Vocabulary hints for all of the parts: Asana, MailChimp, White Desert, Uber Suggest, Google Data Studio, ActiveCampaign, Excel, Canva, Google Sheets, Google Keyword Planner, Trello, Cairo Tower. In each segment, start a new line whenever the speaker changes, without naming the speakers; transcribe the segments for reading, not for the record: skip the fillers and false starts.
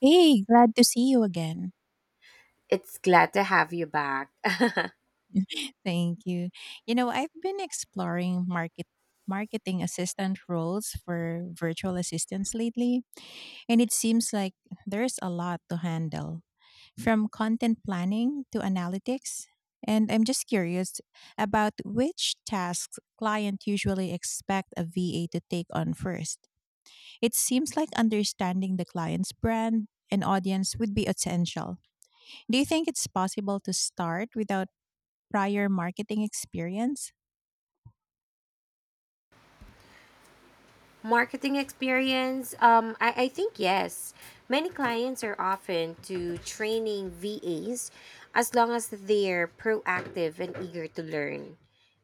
Hey, glad to see you again.
It's glad to have you back.
Thank you. You know, I've been exploring marketing assistant roles for virtual assistants lately, and it seems like there's a lot to handle, from content planning to analytics. And I'm just curious about which tasks client usually expect a VA to take on first. It seems like understanding the client's brand and audience would be essential. Do you think it's possible to start without prior marketing experience?
Marketing experience? I think yes. Many clients are often to training VAs as long as they're proactive and eager to learn.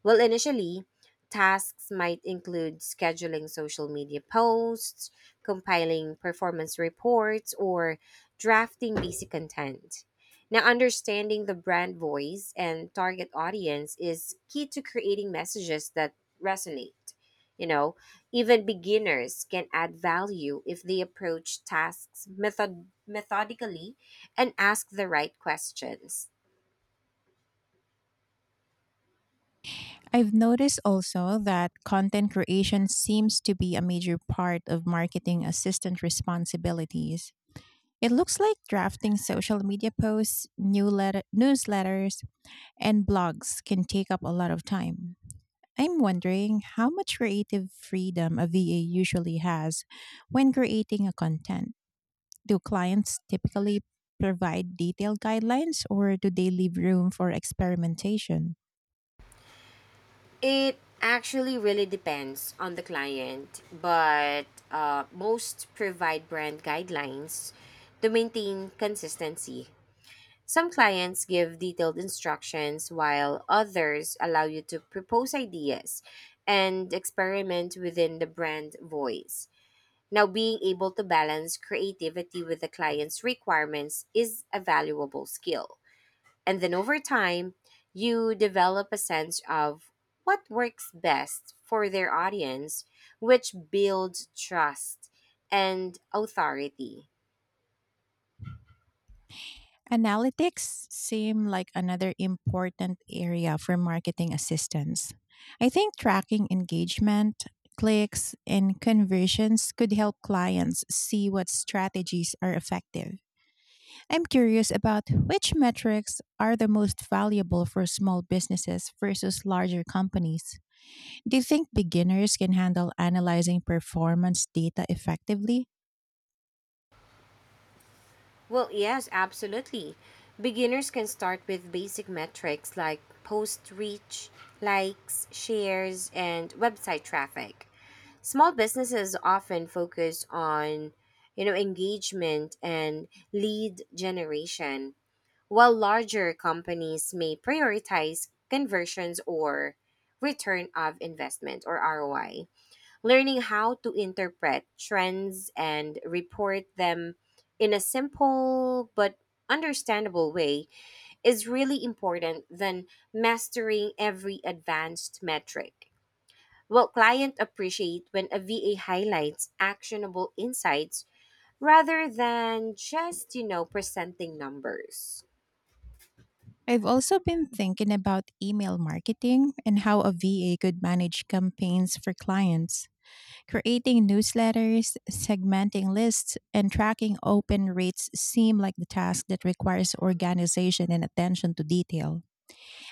Well, initially, tasks might include scheduling social media posts, compiling performance reports, or drafting basic content. Now, understanding the brand voice and target audience is key to creating messages that resonate you know Even beginners can add value if they approach methodically and ask the right questions.
I've noticed also that content creation seems to be a major part of marketing assistant responsibilities. It looks like drafting social media posts, newsletters, and blogs can take up a lot of time. I'm wondering how much creative freedom a VA usually has when creating a content. Do clients typically provide detailed guidelines or do they leave room for experimentation?
It actually really depends on the client, but most provide brand guidelines to maintain consistency. Some clients give detailed instructions, while others allow you to propose ideas and experiment within the brand voice. Now, being able to balance creativity with the client's requirements is a valuable skill. And then over time, you develop a sense of what works best for their audience, which builds trust and authority.
Analytics seem like another important area for marketing assistance. I think tracking engagement, clicks, and conversions could help clients see what strategies are effective. I'm curious about which metrics are the most valuable for small businesses versus larger companies. Do you think beginners can handle analyzing performance data effectively?
Well, yes, absolutely. Beginners can start with basic metrics like post reach, likes, shares, and website traffic. Small businesses often focus on, you know, engagement and lead generation, while larger companies may prioritize conversions or return of investment or ROI. Learning how to interpret trends and report them in a simple but understandable way is really important than mastering every advanced metric. Well, clients appreciate when a VA highlights actionable insights rather than just presenting numbers.
I've also been thinking about email marketing and how a VA could manage campaigns for clients, creating newsletters, segmenting lists, and tracking open rates seem like the task that requires organization and attention to detail.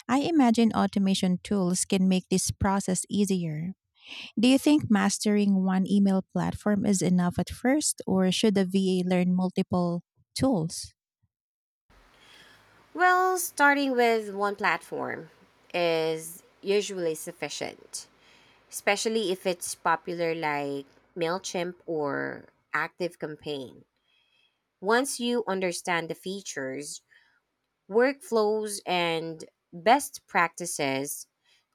I imagine automation tools can make this process easier. Do you think mastering one email platform is enough at first, or should a VA learn multiple tools?
Well, starting with one platform is usually sufficient, especially if it's popular like MailChimp or ActiveCampaign. Once you understand the features, workflows, and best practices,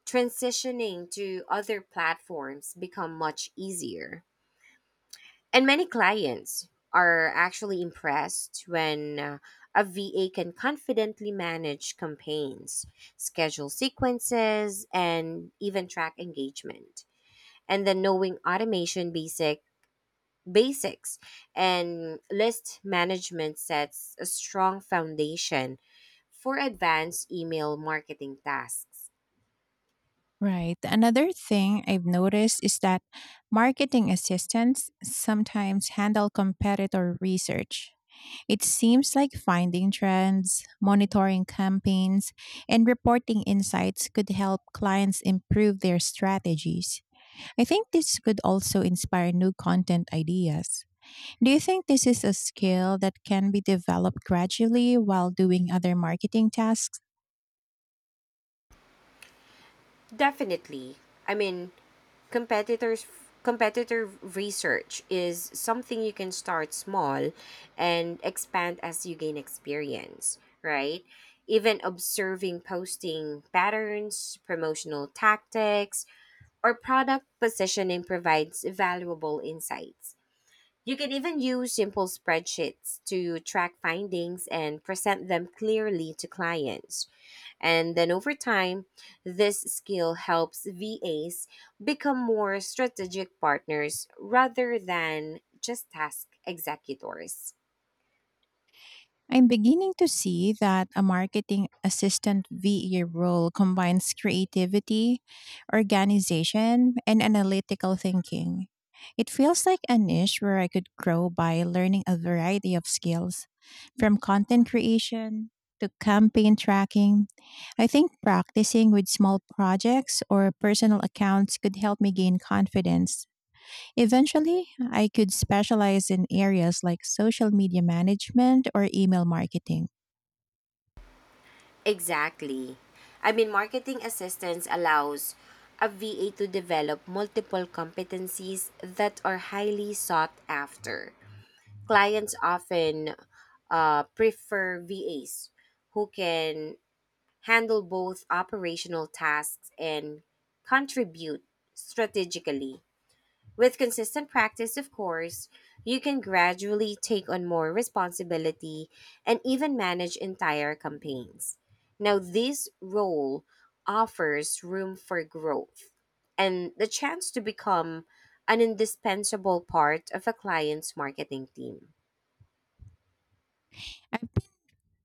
transitioning to other platforms become much easier. And many clients are actually impressed when a VA can confidently manage campaigns, schedule sequences, and even track engagement. And then knowing automation basic basics and list management sets a strong foundation for advanced email marketing tasks.
Right. Another thing I've noticed is that marketing assistants sometimes handle competitor research. It seems like finding trends, monitoring campaigns, and reporting insights could help clients improve their strategies. I think this could also inspire new content ideas. Do you think this is a skill that can be developed gradually while doing other marketing tasks?
Definitely. I mean, competitors competitor research is something you can start small and expand as you gain experience, right? Even observing posting patterns, promotional tactics, or product positioning provides valuable insights. You can even use simple spreadsheets to track findings and present them clearly to clients. And then over time, this skill helps VAs become more strategic partners rather than just task executors.
I'm beginning to see that a marketing assistant V. E. role combines creativity, organization, and analytical thinking. It feels like a niche where I could grow by learning a variety of skills, from content creation to campaign tracking. I think practicing with small projects or personal accounts could help me gain confidence. Eventually, I could specialize in areas like social media management or email marketing.
Exactly. I mean, marketing assistance allows a VA to develop multiple competencies that are highly sought after. Clients often prefer VAs who can handle both operational tasks and contribute strategically. With consistent practice, of course, you can gradually take on more responsibility and even manage entire campaigns. Now, this role offers room for growth and the chance to become an indispensable part of a client's marketing team.
I'm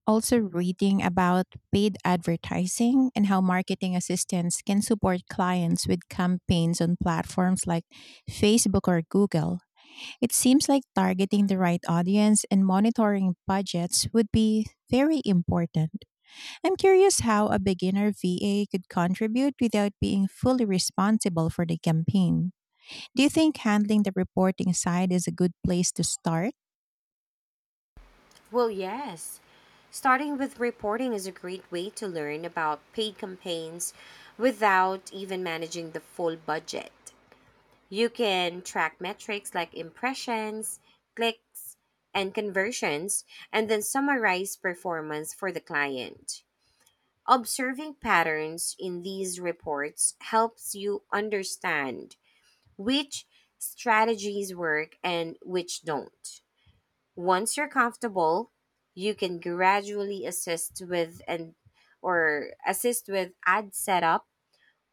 also reading about paid advertising and how marketing assistants can support clients with campaigns on platforms like Facebook or Google. It seems like targeting the right audience and monitoring budgets would be very important. I'm curious how a beginner VA could contribute without being fully responsible for the campaign. Do you think handling the reporting side is a good place to start?
Well, yes. Starting with reporting is a great way to learn about paid campaigns without even managing the full budget. You can track metrics like impressions, clicks, and conversions, and then summarize performance for the client. Observing patterns in these reports helps you understand which strategies work and which don't. Once you're comfortable, you can gradually assist with ad setup,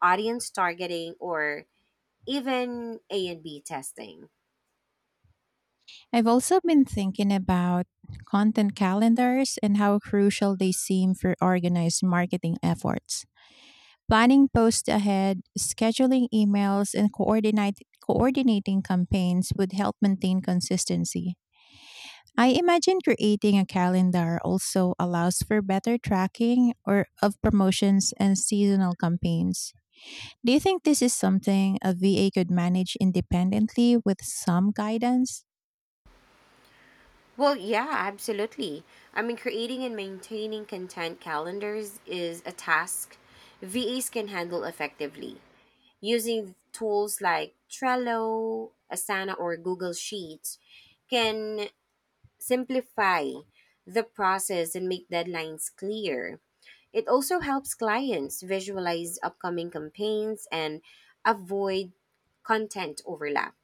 audience targeting, or even A and B testing.
I've also been thinking about content calendars and how crucial they seem for organized marketing efforts. Planning posts ahead, scheduling emails, and coordinating campaigns would help maintain consistency. I imagine creating a calendar also allows for better tracking or of promotions and seasonal campaigns. Do you think this is something a VA could manage independently with some guidance?
Well, yeah, absolutely. I mean, creating and maintaining content calendars is a task VAs can handle effectively. Using tools like Trello, Asana, or Google Sheets can simplify the process and make deadlines clear. It also helps clients visualize upcoming campaigns and avoid content overlap.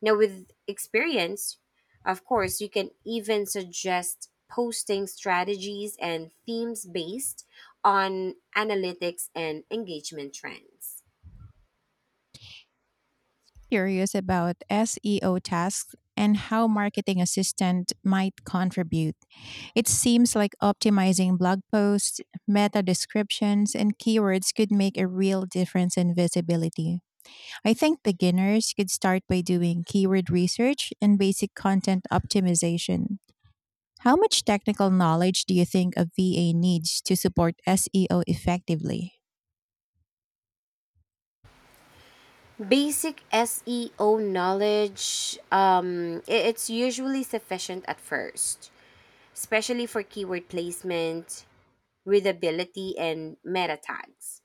Now, with experience, of course, you can even suggest posting strategies and themes based on analytics and engagement trends.
Curious about SEO tasks and how marketing assistant might contribute. It seems like optimizing blog posts, meta descriptions, and keywords could make a real difference in visibility. I think beginners could start by doing keyword research and basic content optimization. How much technical knowledge do you think a VA needs to support SEO effectively?
Basic SEO knowledge, it's usually sufficient at first, especially for keyword placement, readability, and meta tags.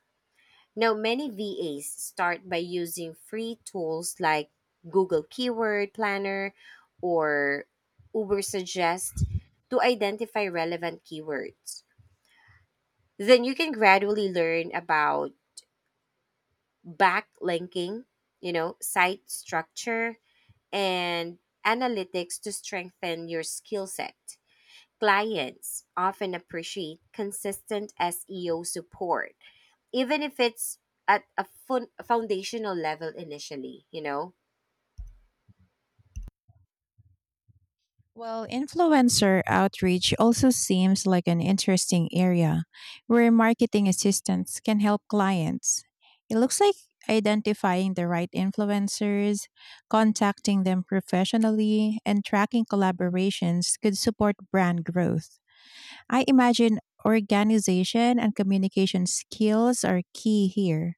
Now, many VAs start by using free tools like Google Keyword Planner or Uber Suggest to identify relevant keywords. Then you can gradually learn about backlinking, you know, site structure, and analytics to strengthen your skill set. Clients often appreciate consistent SEO support, even if it's foundational level initially, you know?
Well, influencer outreach also seems like an interesting area where marketing assistants can help clients. It looks like identifying the right influencers, contacting them professionally, and tracking collaborations could support brand growth. I imagine organization and communication skills are key here.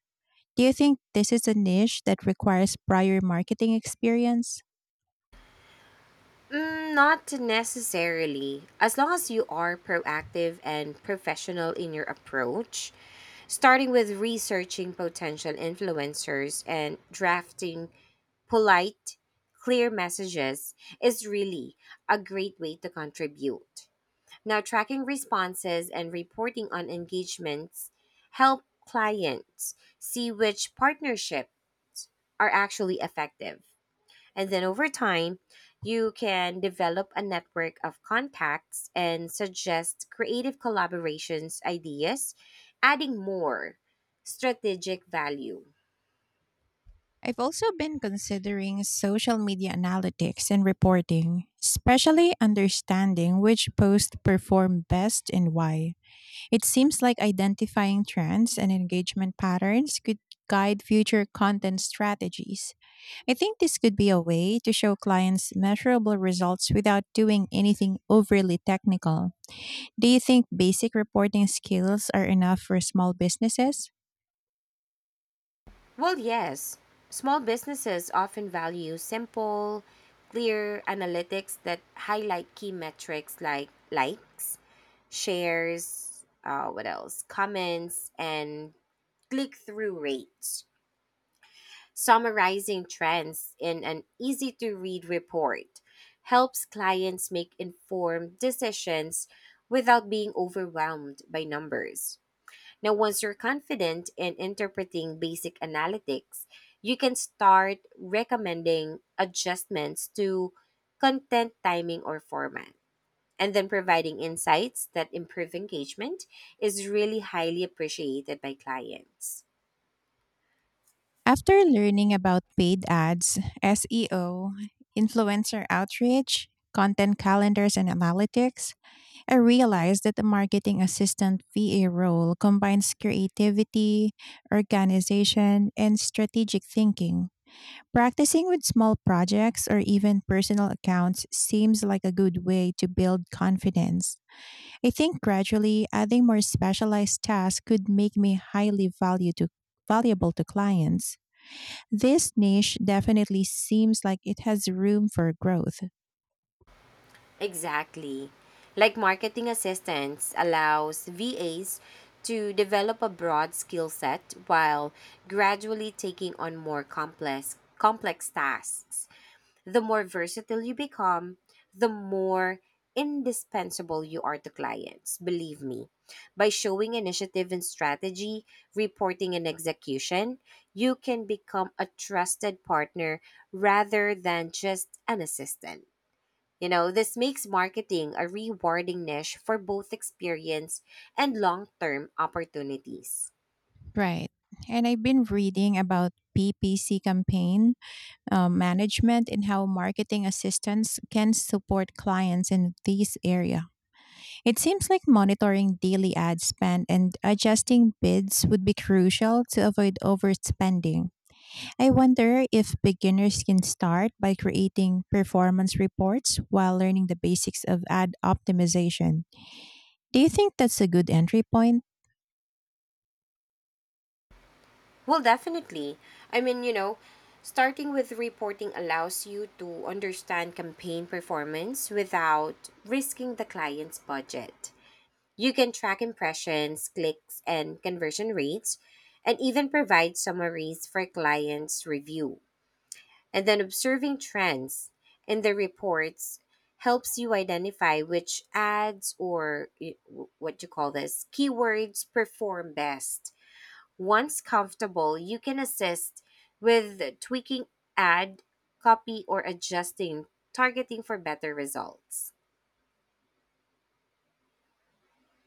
Do you think this is a niche that requires prior marketing experience?
Mm, not necessarily. As long as you are proactive and professional in your approach, starting with researching potential influencers and drafting polite, clear messages is really a great way to contribute. Now, tracking responses and reporting on engagements help clients see which partnerships are actually effective. And then over time, you can develop a network of contacts and suggest creative collaborations ideas, adding more strategic value.
I've also been considering social media analytics and reporting, especially understanding which posts perform best and why. It seems like identifying trends and engagement patterns could guide future content strategies. I think this could be a way to show clients measurable results without doing anything overly technical. Do you think basic reporting skills are enough for small businesses?
Well, yes. Small businesses often value simple, clear analytics that highlight key metrics like likes, shares, what else? Comments, and click through rates. Summarizing trends in an easy to read report helps clients make informed decisions without being overwhelmed by numbers. Now, once you're confident in interpreting basic analytics, you can start recommending adjustments to content timing or format. And then providing insights that improve engagement is really highly appreciated by clients.
After learning about paid ads, SEO, influencer outreach, content calendars, and analytics, I realized that the marketing assistant VA role combines creativity, organization, and strategic thinking. Practicing with small projects or even personal accounts seems like a good way to build confidence. I think gradually adding more specialized tasks could make me valuable to clients. This niche definitely seems like it has room for growth.
Exactly. Like marketing assistance allows VAs to develop a broad skill set while gradually taking on more complex complex tasks. The more versatile you become, the more indispensable you are to clients. Believe me, by showing initiative and strategy, reporting and execution, you can become a trusted partner rather than just an assistant. You know, this makes marketing a rewarding niche for both experience and long term opportunities.
Right. And I've been reading about PPC campaign management and how marketing assistants can support clients in this area. It seems like monitoring daily ad spend and adjusting bids would be crucial to avoid overspending. I wonder if beginners can start by creating performance reports while learning the basics of ad optimization. Do you think that's a good entry point?
Well, definitely. I mean, you know, starting with reporting allows you to understand campaign performance without risking the client's budget. You can track impressions, clicks, and conversion rates, and even provide summaries for clients' review. And then observing trends in the reports helps you identify which ads or y- what you call this keywords perform best. Once comfortable, you can assist with tweaking ad, copy, or adjusting targeting for better results.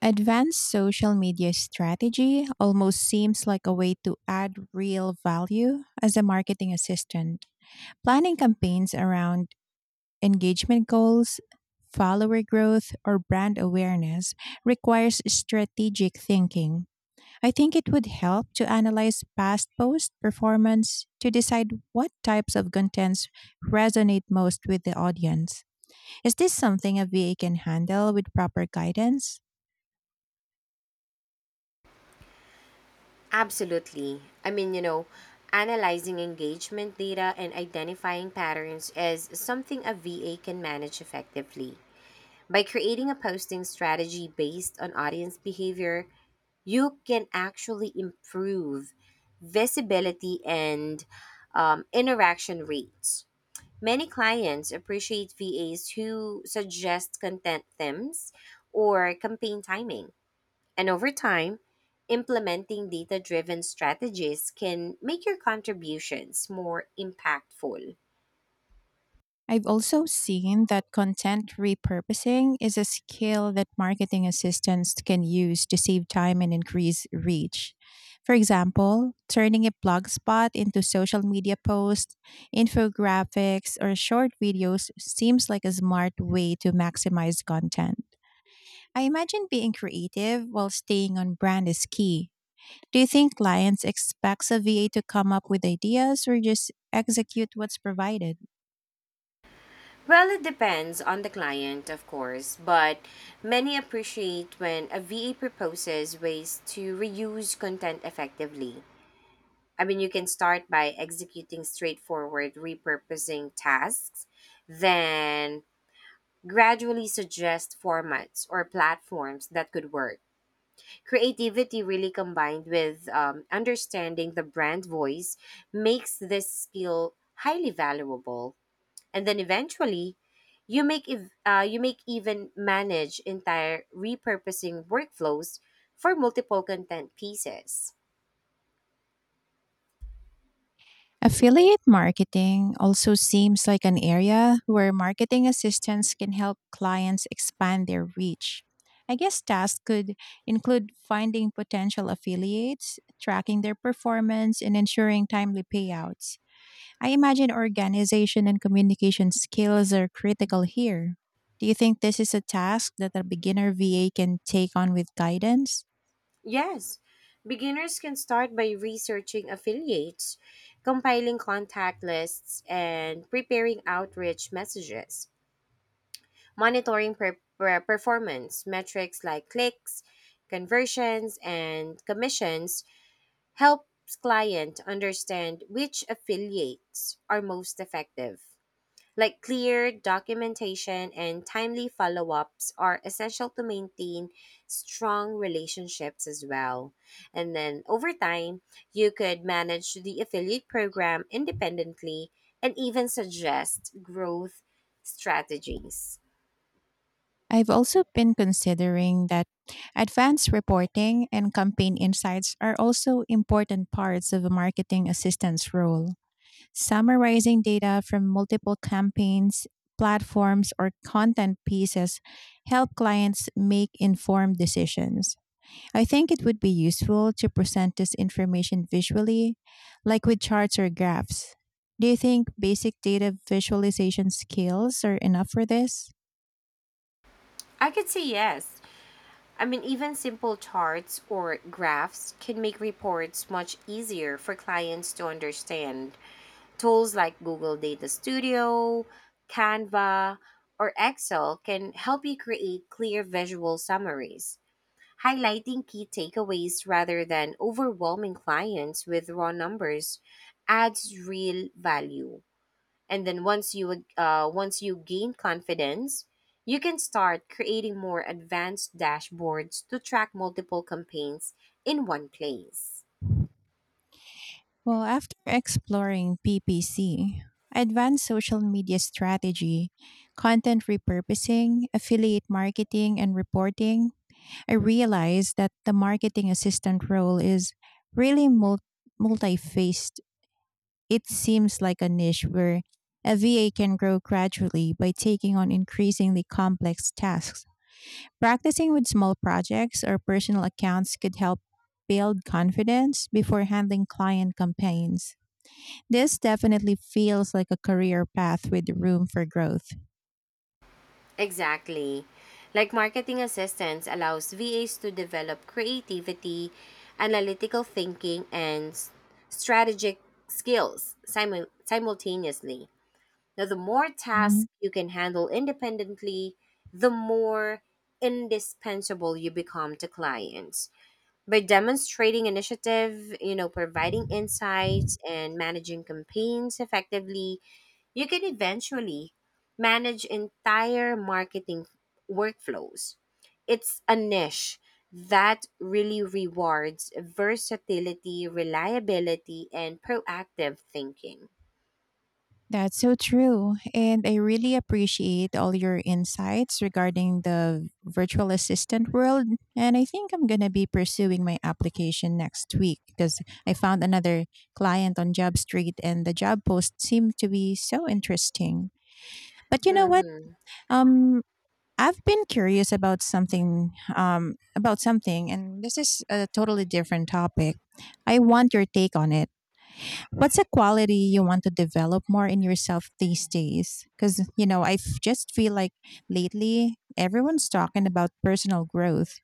Advanced social media strategy almost seems like a way to add real value as a marketing assistant. Planning campaigns around engagement goals, follower growth, or brand awareness requires strategic thinking. I think it would help to analyze past post performance to decide what types of contents resonate most with the audience. Is this something a VA can handle with proper guidance?
Absolutely. I mean, you know, analyzing engagement data and identifying patterns is something a VA can manage effectively. By creating a posting strategy based on audience behavior, you can actually improve visibility and interaction rates. Many clients appreciate VAs who suggest content themes or campaign timing. And over time, implementing data driven strategies can make your contributions more impactful.
I've also seen that content repurposing is a skill that marketing assistants can use to save time and increase reach. For example, turning a blog spot into social media posts, infographics, or short videos seems like a smart way to maximize content. I imagine being creative while staying on brand is key. Do you think clients expect a VA to come up with ideas or just execute what's provided?
Well, it depends on the client, of course, but many appreciate when a VA proposes ways to reuse content effectively. I mean, you can start by executing straightforward repurposing tasks, then gradually suggest formats or platforms that could work. Creativity, really combined with understanding the brand voice, makes this skill highly valuable. And then eventually, you make even manage entire repurposing workflows for multiple content pieces.
Affiliate marketing also seems like an area where marketing assistants can help clients expand their reach. I guess tasks could include finding potential affiliates, tracking their performance, and ensuring timely payouts. I imagine organization and communication skills are critical here. Do you think this is a task that a beginner VA can take on with guidance?
Yes, beginners can start by researching affiliates, compiling contact lists, and preparing outreach messages. Monitoring performance metrics like clicks, conversions, and commissions helps client understand which affiliates are most effective. Like clear documentation and timely follow-ups are essential to maintain strong relationships as well. And then over time, you could manage the affiliate program independently and even suggest growth strategies.
I've also been considering that advanced reporting and campaign insights are also important parts of a marketing assistant's role. Summarizing data from multiple campaigns, platforms, or content pieces help clients make informed decisions. I think it would be useful to present this information visually, like with charts or graphs. Do you think basic data visualization skills are enough for this?
I could say yes. I mean, even simple charts or graphs can make reports much easier for clients to understand. Tools like Google Data Studio, Canva, or Excel can help you create clear visual summaries. Highlighting key takeaways rather than overwhelming clients with raw numbers adds real value. And then once you gain confidence, you can start creating more advanced dashboards to track multiple campaigns in one place.
Well, after exploring PPC, advanced social media strategy, content repurposing, affiliate marketing, and reporting, I realized that the marketing assistant role is really multi faced. It seems like a niche where a VA can grow gradually by taking on increasingly complex tasks. Practicing with small projects or personal accounts could help build confidence before handling client campaigns. This definitely feels like a career path with room for growth.
Exactly. Like marketing assistance allows VAs to develop creativity, analytical thinking, and strategic skills simultaneously. Now, the more
Mhm.
tasks you can handle independently, the more indispensable you become to clients. By demonstrating initiative, you know, providing insights and managing campaigns effectively, you can eventually manage entire marketing workflows. It's a niche that really rewards versatility, reliability, and proactive thinking.
That's so true. And I really appreciate all your insights regarding the virtual assistant world. And I think I'm going to be pursuing my application next week because I found another client on Job Street and the job post seemed to be so interesting. But you know what?
Hmm.
Um, I've been curious about something, and this is a totally different topic. I want your take on it. What's a quality you want to develop more in yourself these days? Because you know, I just feel like lately everyone's talking about personal growth,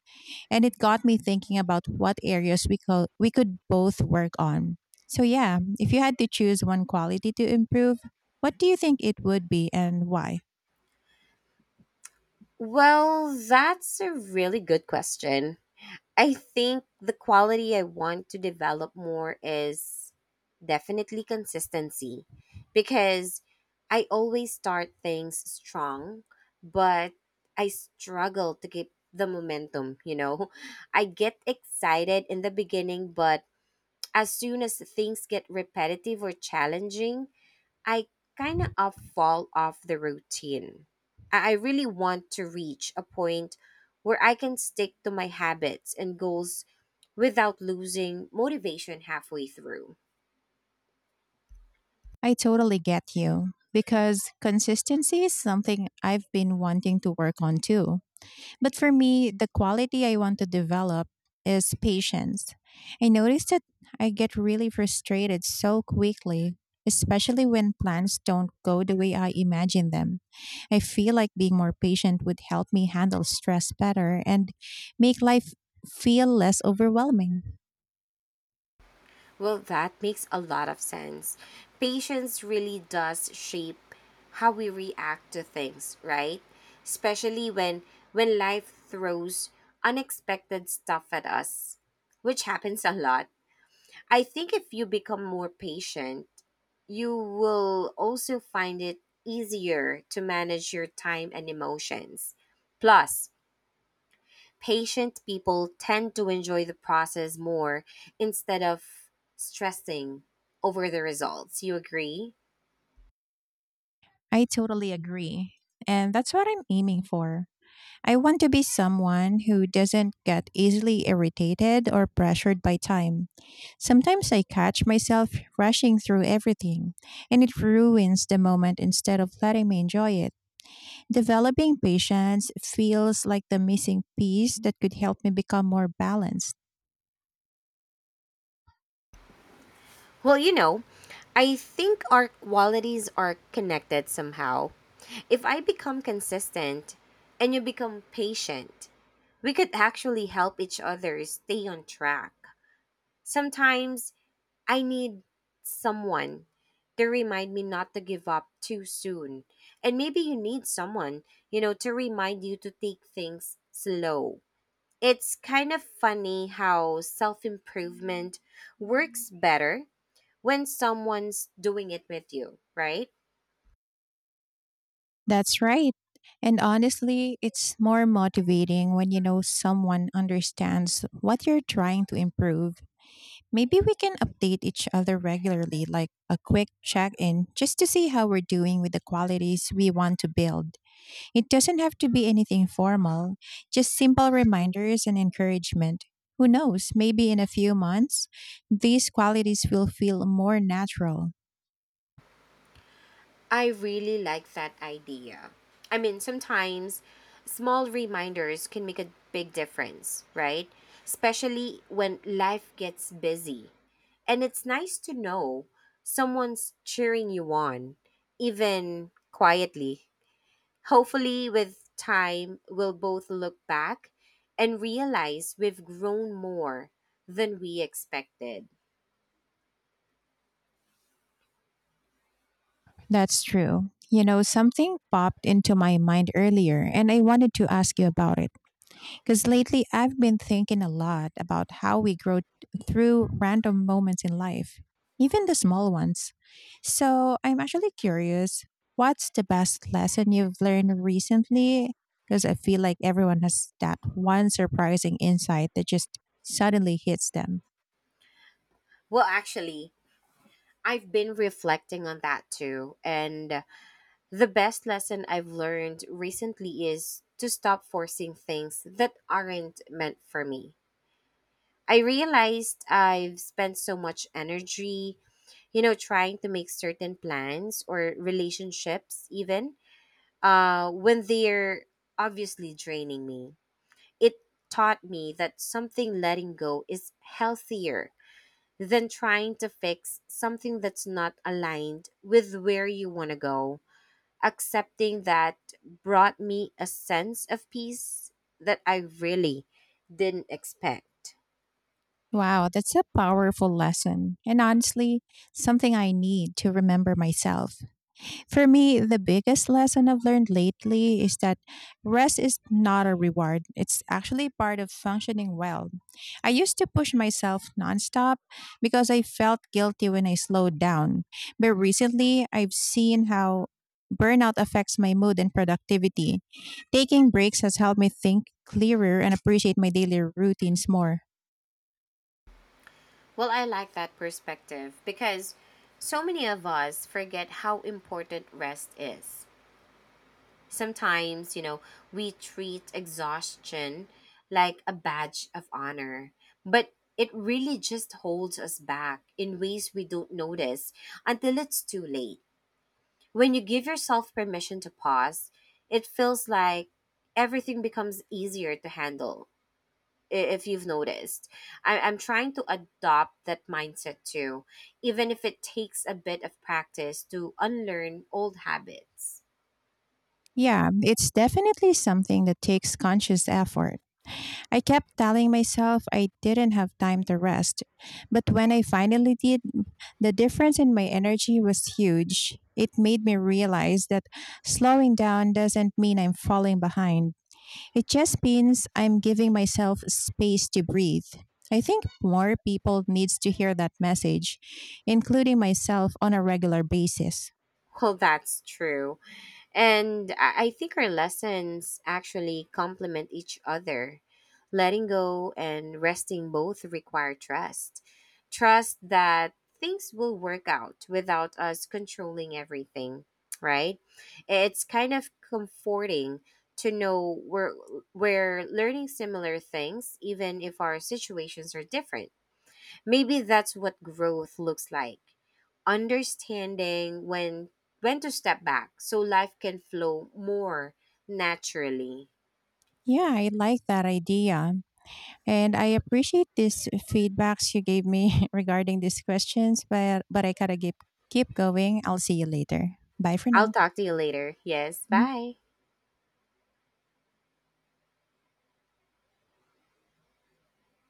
and it got me thinking about what areas we could both work on. So yeah, if you had to choose one quality to improve, what do you think it would be, and why?
Well, that's a really good question. I think the quality I want to develop more is definitely consistency, because I always start things strong, but I struggle to keep the momentum, you know. I get excited in the beginning, but as soon as things get repetitive or challenging, I kind of fall off the routine. I really want to reach a point where I can stick to my habits and goals without losing motivation halfway through.
I totally get you because consistency is something I've been wanting to work on too. But for me, the quality I want to develop is patience. I notice that I get really frustrated so quickly, especially when plans don't go the way I imagine them. I feel like being more patient would help me handle stress better and make life feel less overwhelming.
Well, that makes a lot of sense. Patience really does shape how we react to things, right? Especially when life throws unexpected stuff at us, which happens a lot. I think if you become more patient, you will also find it easier to manage your time and emotions. Plus, patient people tend to enjoy the process more instead of stressing over the results. You agree?
I totally agree. And that's what I'm aiming for. I want to be someone who doesn't get easily irritated or pressured by time. Sometimes I catch myself rushing through everything, and it ruins the moment instead of letting me enjoy it. Developing patience feels like the missing piece that could help me become more balanced.
Well, you know, I think our qualities are connected somehow. If I become consistent and you become patient, we could actually help each other stay on track. Sometimes I need someone to remind me not to give up too soon. And maybe you need someone, you know, to remind you to take things slow. It's kind of funny how self improvement works better when someone's doing it with you, right?
That's right. And honestly, it's more motivating when you know someone understands what you're trying to improve. Maybe we can update each other regularly, like a quick check in, just to see how we're doing with the qualities we want to build. It doesn't have to be anything formal, just simple reminders and encouragement. Who knows, maybe in a few months, these qualities will feel more natural.
I really like that idea. I mean, sometimes small reminders can make a big difference, right? Especially when life gets busy. And it's nice to know someone's cheering you on, even quietly. Hopefully, with time, we'll both look back and realize we've grown more than we expected.
That's true. You know, something popped into my mind earlier, and I wanted to ask you about it. Because lately I've been thinking a lot about how we grow through random moments in life, even the small ones. So I'm actually curious, what's the best lesson you've learned recently? Because I feel like everyone has that one surprising insight that just suddenly hits them.
Well, actually, I've been reflecting on that too. And the best lesson I've learned recently is to stop forcing things that aren't meant for me. I realized I've spent so much energy, you know, trying to make certain plans or relationships, even when they're obviously draining me. It taught me that something letting go is healthier than trying to fix something that's not aligned with where you want to go. Accepting that brought me a sense of peace that I really didn't expect.
Wow, that's a powerful lesson. And honestly, something I need to remember myself. For me, the biggest lesson I've learned lately is that rest is not a reward. It's actually part of functioning well. I used to push myself nonstop because I felt guilty when I slowed down. But recently, I've seen how burnout affects my mood and productivity. Taking breaks has helped me think clearer and appreciate my daily routines more.
Well, I like that perspective because so many of us forget how important rest is. Sometimes, you know, we treat exhaustion like a badge of honor, but it really just holds us back in ways we don't notice until it's too late. When you give yourself permission to pause, it feels like everything becomes easier to handle if you've noticed. I'm trying to adopt that mindset too, even if it takes a bit of practice to unlearn old habits.
Yeah, it's definitely something that takes conscious effort. I kept telling myself I didn't have time to rest, but when I finally did, the difference in my energy was huge. It made me realize that slowing down doesn't mean I'm falling behind. It just means I'm giving myself space to breathe. I think more people needs to hear that message, including myself on a regular basis.
Well, that's true. And I think our lessons actually complement each other. Letting go and resting both require trust. Trust that things will work out without us controlling everything, right? It's kind of comforting to know we're learning similar things, even if our situations are different. Maybe that's what growth looks like, understanding when to step back so life can flow more naturally.
Yeah, I like that idea. And I appreciate these feedbacks you gave me regarding these questions, but I gotta keep going. I'll see you later. Bye for
I'll
now.
talk to you later. Yes, bye.